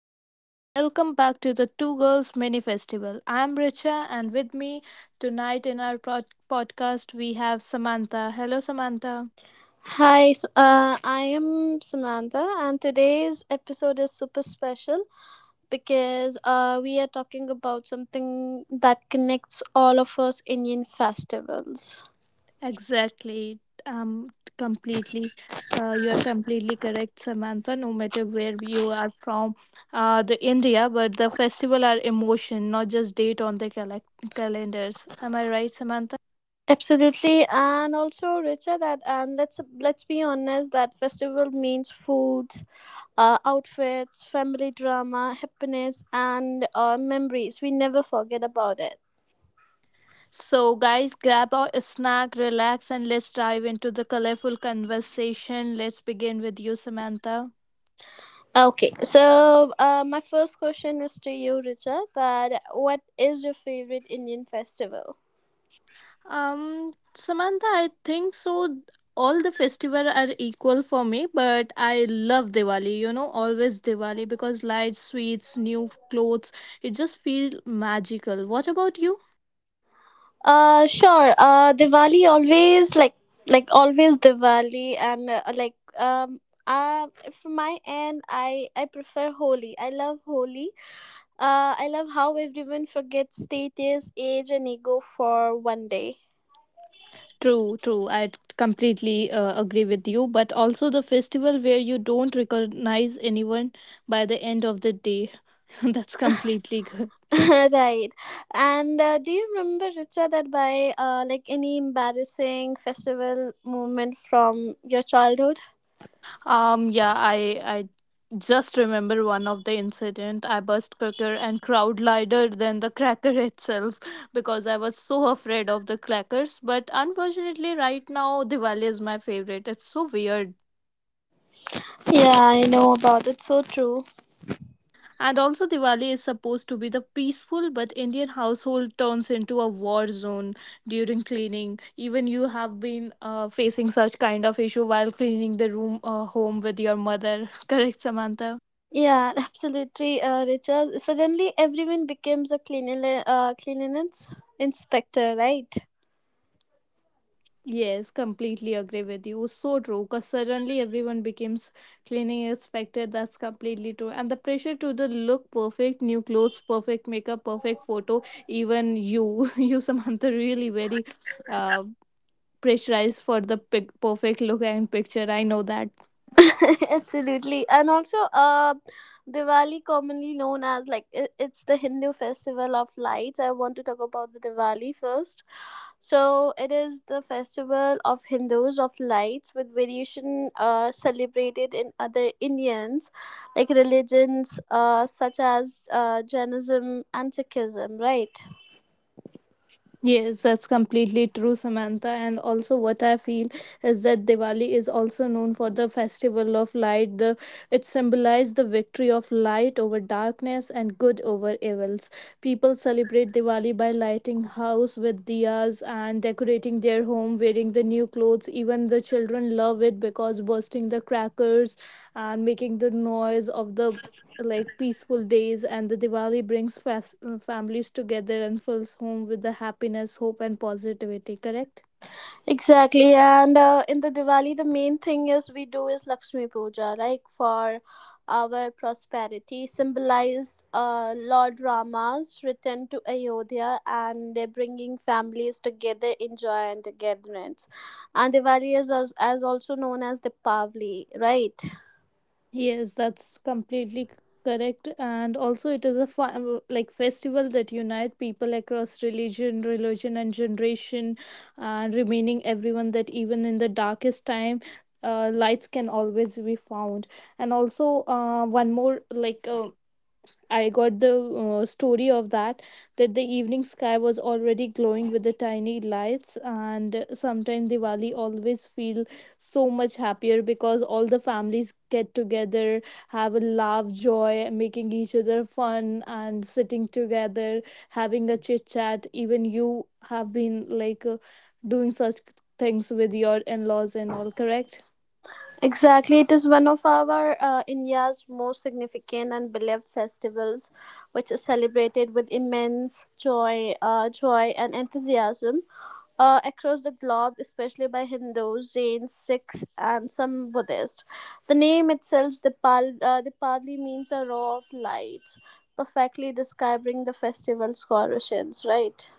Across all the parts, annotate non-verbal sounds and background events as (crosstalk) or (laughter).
everyone, welcome back to the Two Girls Mini Festival. I'm Richa, and with me tonight in our podcast we have Samantha. Hello, Samantha. I am Samantha, and today's episode is super special because we are talking about something that connects all of us Indian festivals. Exactly. Completely You're completely correct, Samantha. No matter where you are from the India, but the festival are emotion, not just date on the calendars, am I right, Samantha? Absolutely, and also Richa, that and let's be honest, that festival means food, outfits, family drama, happiness, and memories. We never forget about it. So, guys, grab a snack, relax, and let's dive into the colorful conversation. Let's begin with you, Samantha. Okay, so my first question is to you, Richa. That what is your favorite Indian festival? Samantha, I think so. All the festival are equal for me, but I love Diwali. You know, always Diwali, because lights, sweets, new clothes. It just feels magical. What about you? Sure. Diwali always like always Diwali and like From my end, I prefer Holi. I love Holi. I love how everyone forgets status, age, and ego for one day. True, true. I completely agree with you. But also the festival where you don't recognize anyone by the end of the day. (laughs) That's completely good. (laughs) Right. And do you remember, Richa, that by like any embarrassing festival moment from your childhood? Yeah, I just remember one of the incident. I burst cracker and crowd lighter than the cracker (laughs) itself, because I was so afraid of the crackers. But unfortunately, right now Diwali is my favorite. It's so weird. Yeah, I know about it. So true. And also, Diwali is supposed to be the peaceful, but Indian household turns into a war zone during cleaning. Even you have been facing such kind of issue while cleaning the room, home, with your mother. (laughs) Correct, Samantha? Yeah, (laughs) absolutely, Richa. Suddenly, everyone becomes a cleanliness inspector, right? Yes, completely agree with you. So true, because suddenly everyone becomes cleaning inspector. That's completely true. And the pressure to the look perfect, new clothes, perfect makeup, perfect photo. Even you, (laughs) you Samantha, really very uh, pressurized for the perfect look and picture. I know that. (laughs) Absolutely. And also, Diwali, commonly known as it's the Hindu festival of lights. I want to talk about the Diwali first. So, it is the festival of Hindus of lights with variation celebrated in other Indians, like religions such as Jainism and Sikhism, right? Yes, that's completely true, Samantha. And also, what I feel is that Diwali is also known for the festival of light. The It symbolizes the victory of light over darkness and good over evils. People celebrate Diwali by lighting house with diyas and decorating their home, wearing the new clothes. Even the children love it, because bursting the crackers and making the noise of the like peaceful days, and the Diwali brings families together and fills home with the happiness, hope, and positivity, correct? Exactly, and in the Diwali, the main thing is we do is Lakshmi Puja, like for our prosperity, symbolized Lord Rama's return to Ayodhya and bringing families together in joy and togetherness. And Diwali is as also known as Deepavali, right? Yes, that's completely correct. And also, it is a like festival that unite people across religion and generation, and remaining everyone that even in the darkest time, lights can always be found. And also, one more like, I got the story of that the evening sky was already glowing with the tiny lights, and sometimes Diwali always feel so much happier because all the families get together, have a laugh, joy, making each other fun, and sitting together, having a chit chat. Even you have been like, doing such things with your in laws and all, correct? Exactly, it is one of our India's most significant and beloved festivals, which is celebrated with immense joy, joy and enthusiasm across the globe, especially by Hindus, Jains, Sikhs, and some Buddhists. The name itself, Dipavali, means a row of lights, perfectly describing the festival's origins, right?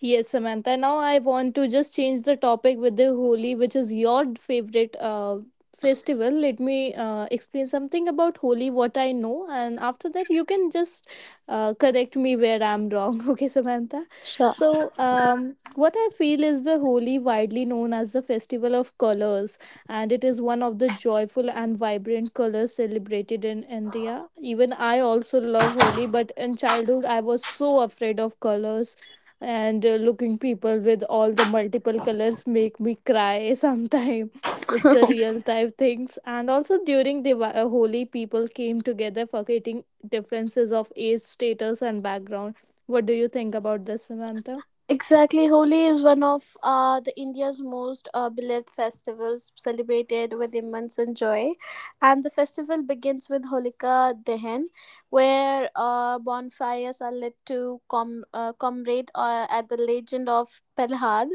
Yes, Samantha. Now I want to just change the topic with the Holi, which is your favorite festival. Let me explain something about Holi, what I know, and after that, you can just correct me where I'm wrong. (laughs) Okay, Samantha. Sure. So, what I feel is the Holi, widely known as the festival of colors, and it is one of the joyful and vibrant colors celebrated in India. Even I also love Holi, but in childhood, I was so afraid of colors, and looking people with all the multiple colors make me cry sometime. (laughs) It's a (laughs) real time things. And also, during the holy, people came together, forgetting differences of age, status, and background. What do you think about this, Samantha? Exactly, Holi is one of the India's most beloved festivals, celebrated with immense joy. And the festival begins with Holika Dahan, where bonfires are lit to commemorate at the legend of Prahlad.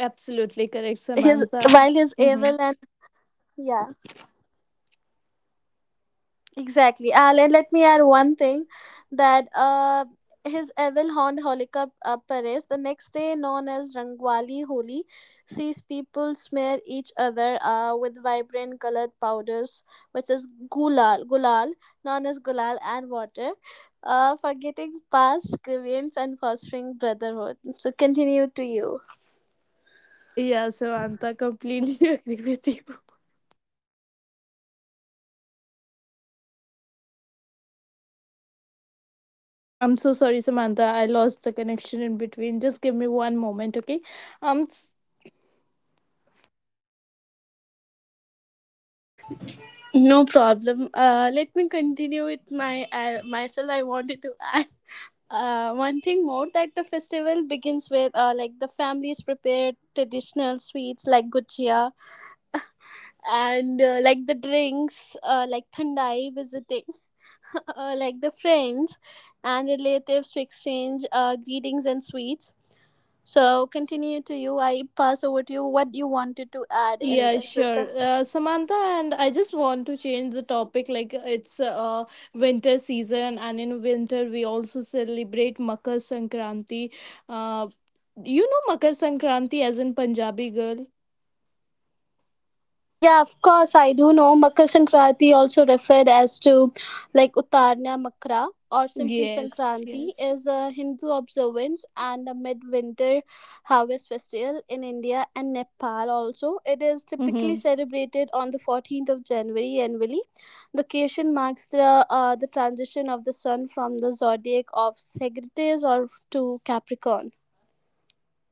Absolutely correct, Is, Samantha. while he's Mm-hmm. evil and yeah, exactly. Let me add one thing that his evil haunt Holika, Paris, the next day, known as Rangwali Holi, sees people smear each other with vibrant colored powders, which is known as gulal and water, forgetting past grievance and fostering brotherhood. So continue to you. Yeah, Samantha, completely (laughs) agree with you. I'm so sorry, Samantha, I lost the connection in between. Just give me one moment, okay? um No problem. Let me continue with my myself. I wanted to (laughs) add. One thing more, that the festival begins with, like, the families prepare traditional sweets like gujia and, like, the drinks, like thandai, visiting (laughs) like, the friends and relatives to exchange greetings and sweets. So continue to you. I pass over to you. What you wanted to add in Yeah, this, Richa? sure. Samantha, and I just want to change the topic. Like, it's winter season, and in winter, we also celebrate Makar Sankranti. Uh, you know Makar Sankranti as in Punjabi girl? Yeah, of course, I do know. Makar Sankranti, also referred as to like Uttarna Makra or simply Yes, Sankranti, yes. is a Hindu observance and a midwinter harvest festival in India and Nepal. Also, it is typically Mm-hmm. celebrated on the 14th of January annually. The occasion marks the transition of the sun from the zodiac of Sagittarius or to Capricorn.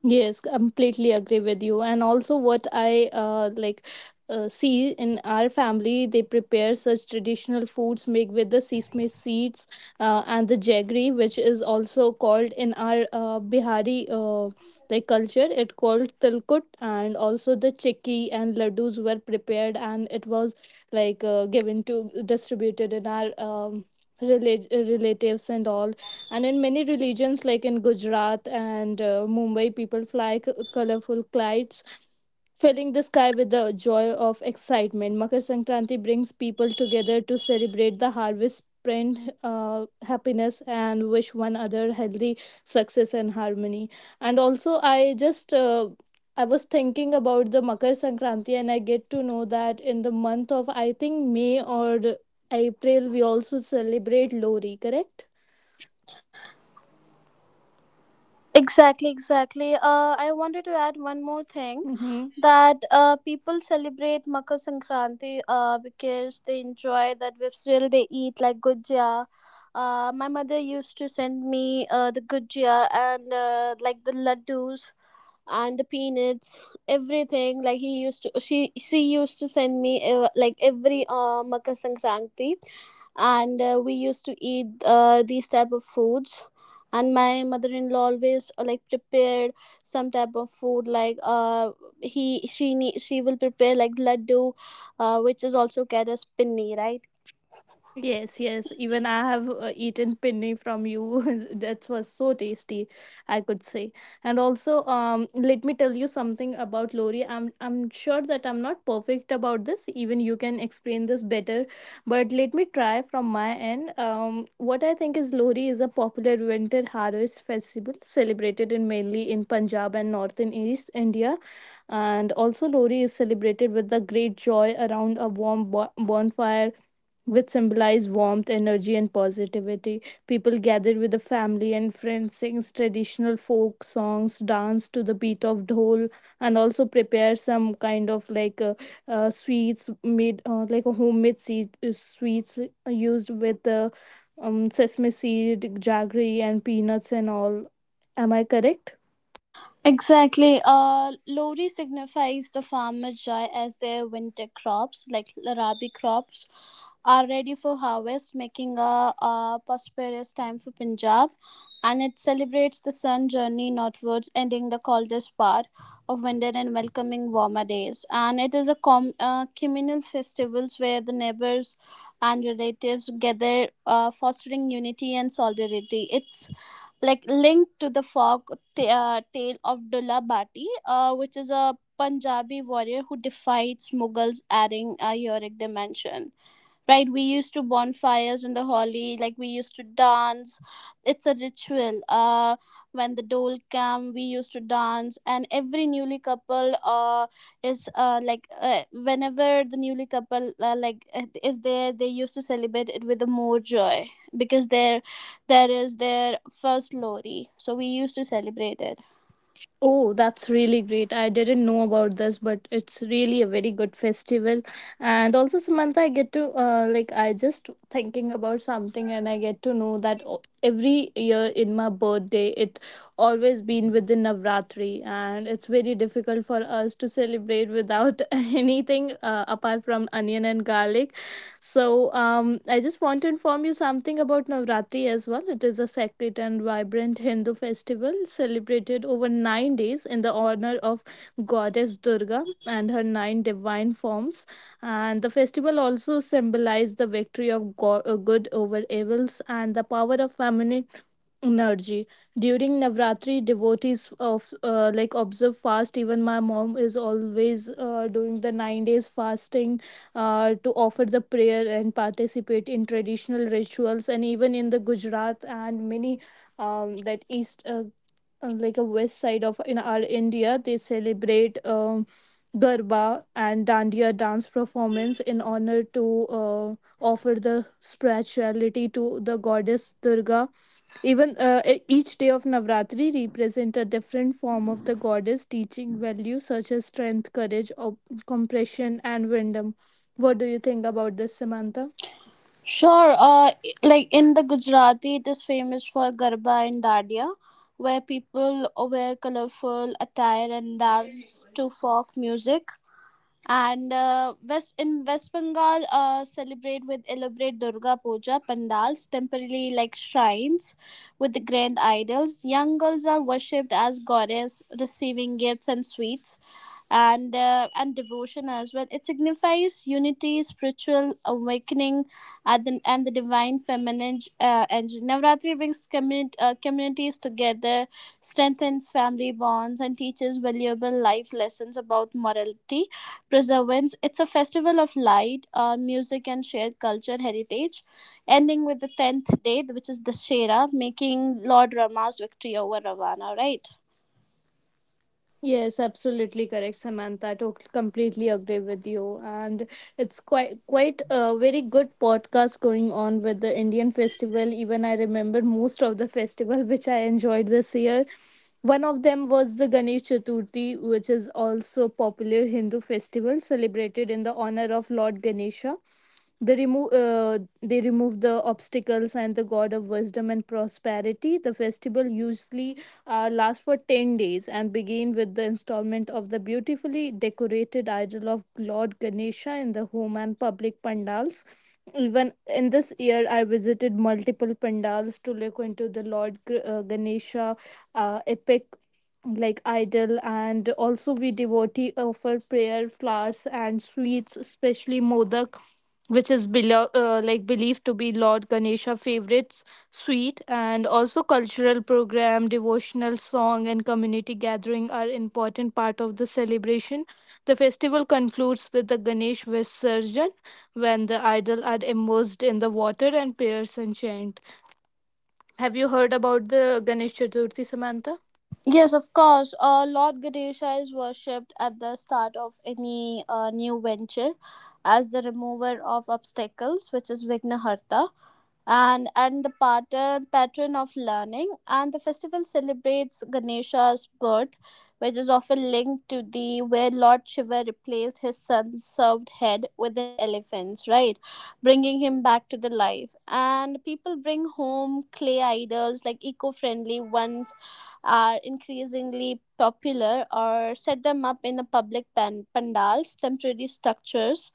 Yes, completely agree with you. And also, what I like, see in our family, they prepare such traditional foods made with the sesame seeds, and the jaggery, which is also called in our, Bihari, like culture, it called tilkut, and also the chikki and laddus were prepared, and it was like, given to distributed in our, relatives and all. And in many religions, like in Gujarat and Mumbai, people fly colorful kites, filling the sky with the joy of excitement. Makar Sankranti brings people together to celebrate the harvest, spread uh, happiness, and wish one another healthy, success, and harmony. And also, just uh, I was thinking about the Makar Sankranti, and I get to know that in the month of, I think, May or April, we also celebrate Lori, correct? Exactly, exactly. I wanted to add one more thing that people celebrate Makar Sankranti because they enjoy that still they eat like gujia. My mother used to send me the gujia and like the laddus and the peanuts everything like he used to she used to send me like every Makar Sankranti and we used to eat these type of foods and my mother-in-law always like prepared some type of food she will prepare like laddu, which is also called as pinni, right? Yes, yes. Even I have eaten pinni from you. (laughs) That was so tasty, I could say. And also, let me tell you something about Lori. I'm sure that I'm not perfect about this. Even you can explain this better. But let me try from my end. What I think is Lori is a popular winter harvest festival celebrated in mainly in Punjab and northern East India. And also, Lori is celebrated with the great joy around a warm bonfire, which symbolize warmth, energy, and positivity. People gather with the family and friends, sings traditional folk songs, dance to the beat of dhol, and also prepare some kind of like, sweets made, like a homemade seed, sweets used with sesame seed, jaggery, and peanuts, and all. Am I correct? Exactly. Lori signifies the farmer's joy as their winter crops, like rabi crops, are ready for harvest, making a prosperous time for Punjab. And it celebrates the sun journey northwards, ending the coldest part of winter and welcoming warmer days. And it is a communal festivals where the neighbors and relatives gather, fostering unity and solidarity. It's like linked to the tale of Dulla Bhatti, which is a Punjabi warrior who defied Mughals, adding a heroic dimension. Right, we used to bonfires in the Holi, like we used to dance. It's a ritual. When the dole came, we used to dance, and every newly couple, is like whenever the newly couple, is there, they used to celebrate it with the more joy because there is their first Lori, so we used to celebrate it. Oh, that's really great. I didn't know about this, but it's really a very good festival. And also, Samantha, like, I just thinking about something, and I get to know that every year in my birthday, it always been within Navratri. And it's very difficult for us to celebrate without (laughs) anything, apart from onion and garlic. So, I just want to inform you something about Navratri as well. It is a sacred and vibrant Hindu festival celebrated over 9 days in the honor of goddess Durga and her nine divine forms. And the festival also symbolizes the victory of good over evils and the power of feminine energy. During Navratri, devotees of like observe fast. Even my mom is always doing the 9 days fasting, to offer the prayer and participate in traditional rituals. And even in the Gujarat and many, that east, like a west side of in our India, they celebrate, garba and dandiya dance performance in honor to uh, offer the spirituality to the goddess Durga. Even, each day of Navratri represent a different form of the goddess, teaching values such as strength, courage, compassion, and wisdom. What do you think about this, Samantha? Sure, like in the Gujarati, it is famous for Garba and Dandiya, where people wear colorful attire and dance to folk music. And West Bengal, celebrate with elaborate Durga Puja pandals, temporarily like shrines, with the grand idols. Young girls are worshipped as goddess, receiving gifts and sweets and devotion as well. It signifies unity, spiritual awakening, and the divine feminine energy. Navratri brings communities together, strengthens family bonds, and teaches valuable life lessons about morality, preservance. It's a festival of light, music, and shared culture heritage, ending with the 10th day, which is the shera making Lord Rama's victory over Ravana, right? Yes, absolutely correct, Samantha. Completely agree with you, and it's quite a very good podcast going on with the Indian festival. Even I remember most of the festival which I enjoyed this year. One of them was the Ganesh Chaturthi, which is also popular Hindu festival celebrated in the honor of Lord Ganesha. They remove the obstacles, and the god of wisdom and prosperity. The festival usually lasts for 10 days and begin with the installment of the beautifully decorated idol of Lord Ganesha in the home and public pandals. Even in this year, I visited multiple pandals to look into the Lord Ganesha, epic like idol. And also, we devotee offer prayer, flowers, and sweets, especially modak, which is like believed to be Lord Ganesha favorites sweet. And also, cultural program, devotional song, and community gathering are important part of the celebration. The festival concludes with the Ganesh Visarjan, when the idol are immersed in the water and prayers and chant. Have you heard about the Ganesh Chaturthi, Samantha? Yes, of course. Lord Ganesha is worshipped at the start of any new venture as the remover of obstacles, which is Vignaharta, and the pattern of learning. And the festival celebrates Ganesha's birth, which is often linked to the where Lord Shiva replaced his son's served head with an elephant's, right? Bringing him back to the life, and people bring home clay idols, like eco-friendly ones, are increasingly popular, or set them up in the public pandals, temporary structures.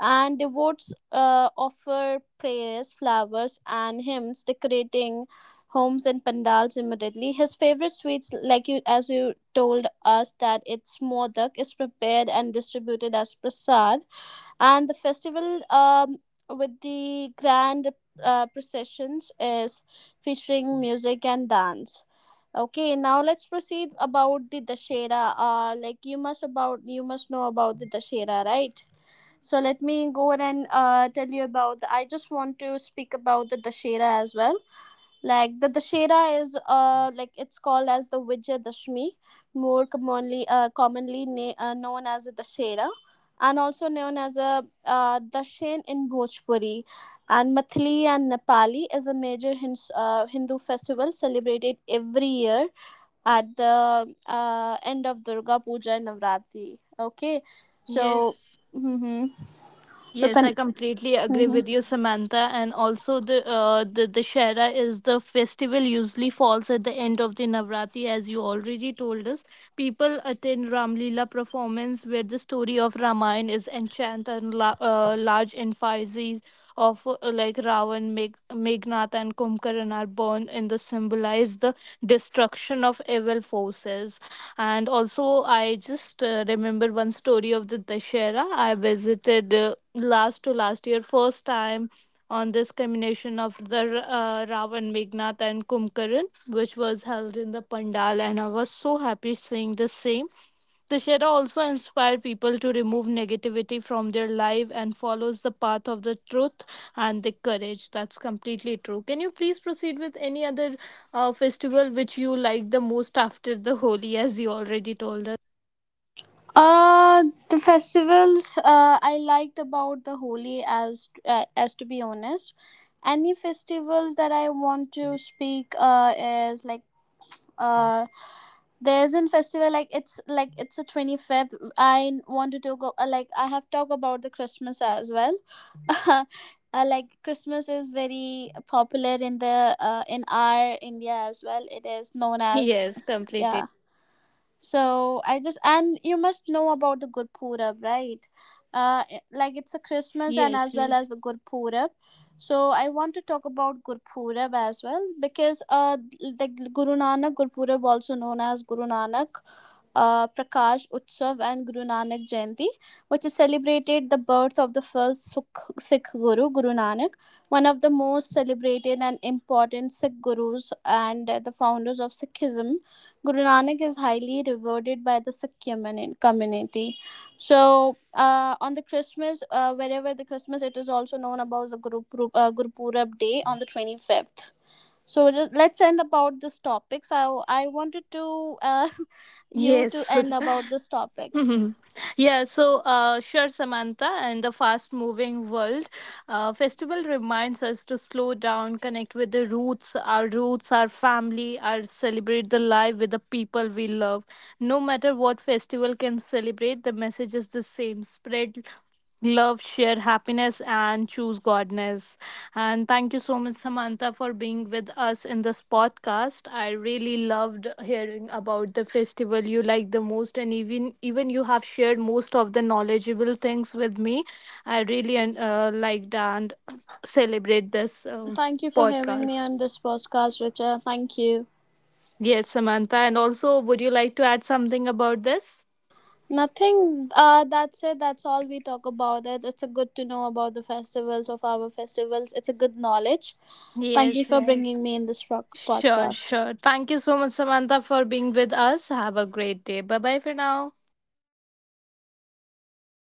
And devotes offer prayers, flowers, and hymns, decorating homes and pandals immediately. His favorite sweets, like you as you told us, that it's modak, is prepared and distributed as prasad. And the festival with the grand processions is featuring music and dance. Okay, now let's proceed about the Dashera. You must know about the Dashera, right? So let me go ahead and tell you about the, I just want to speak about the Dashera as well. Like the Dashera is it's called as the Vijay Dashmi, more commonly known as the Dashera, and also known as a Dashen in Bhojpuri and Mathli and Nepali. Is a major Hindu festival celebrated every year at the end of Durga Puja and Navratri. Okay, so Yes. hmm, so Yes, can I completely agree with you, Samantha. And also, the Dashera is the festival usually falls at the end of the Navratri, as you already told us. People attend Ramlila performance where the story of Ramayana is enchanted, and large emphases of, like Ravan, Meghnad, and Kumkaran are born in the symbolize the destruction of evil forces. And also, I just remember one story of the Dashera. I visited last to last year first time on this combination of the Ravan, Meghnad, and Kumkaran, which was held in the Pandal, and I was so happy seeing the same. The Shera also inspired people to remove negativity from their life and follows the path of the truth and the courage. That's completely true. Can you please proceed with any other festival which you like the most after the Holi, as you already told us? (laughs) Uh, the festivals I liked about the Holi, as to be honest, any festivals that I want to speak is like uh there's a festival it's a 25th. I wanted to go, I have talked about the Christmas as well. (laughs) uh, like Christmas is very popular in the in our India as well. It is known as, Yes, completely. yeah, so I just, and you must know about the Gurpurab, right? Like it's a Christmas and Yes, as well as yes. the Gurpurab. So I want to talk about Gurpurab as well because like Guru Nanak Gurpurab, also known as Guru Nanak Prakash Utsav and Guru Nanak Jayanti, which is celebrated the birth of the first Sikh Guru, Guru Nanak, one of the most celebrated and important Sikh gurus and the founders of Sikhism. Guru Nanak is highly revered by the Sikh community. So, on the Christmas, wherever the Christmas, it is also known about the Guru Purab Day on the 25th. So, let's end about this topics. I wanted to uh, (laughs) you to Yes. end (laughs) about this (laughs) topics. Mhm. Yeah, so sure, Samantha. In the fast moving world, festival reminds us to slow down, connect with the roots, our family, our celebrate the life with the people we love. No matter what festival can celebrate, the message is the same: spread love, share happiness, and choose godness. And thank you so much, Samantha, for being with us in this podcast. I really loved hearing about the festival you like the most, and even you have shared most of the knowledgeable things with me. I really liked and celebrate this Thank you for having me podcast. on this podcast, Richa. Thank you. Yes, Samantha, and also, would you like to add something about this? Nothing. That's it. That's all we talk about. It. It's a good to know about the festivals of our festivals. It's a good knowledge. Thank you Yes, for yes. bringing me in this rock Sure, podcast. sure. Thank you so much, Samantha, for being with us. Have a great day. Bye bye for now.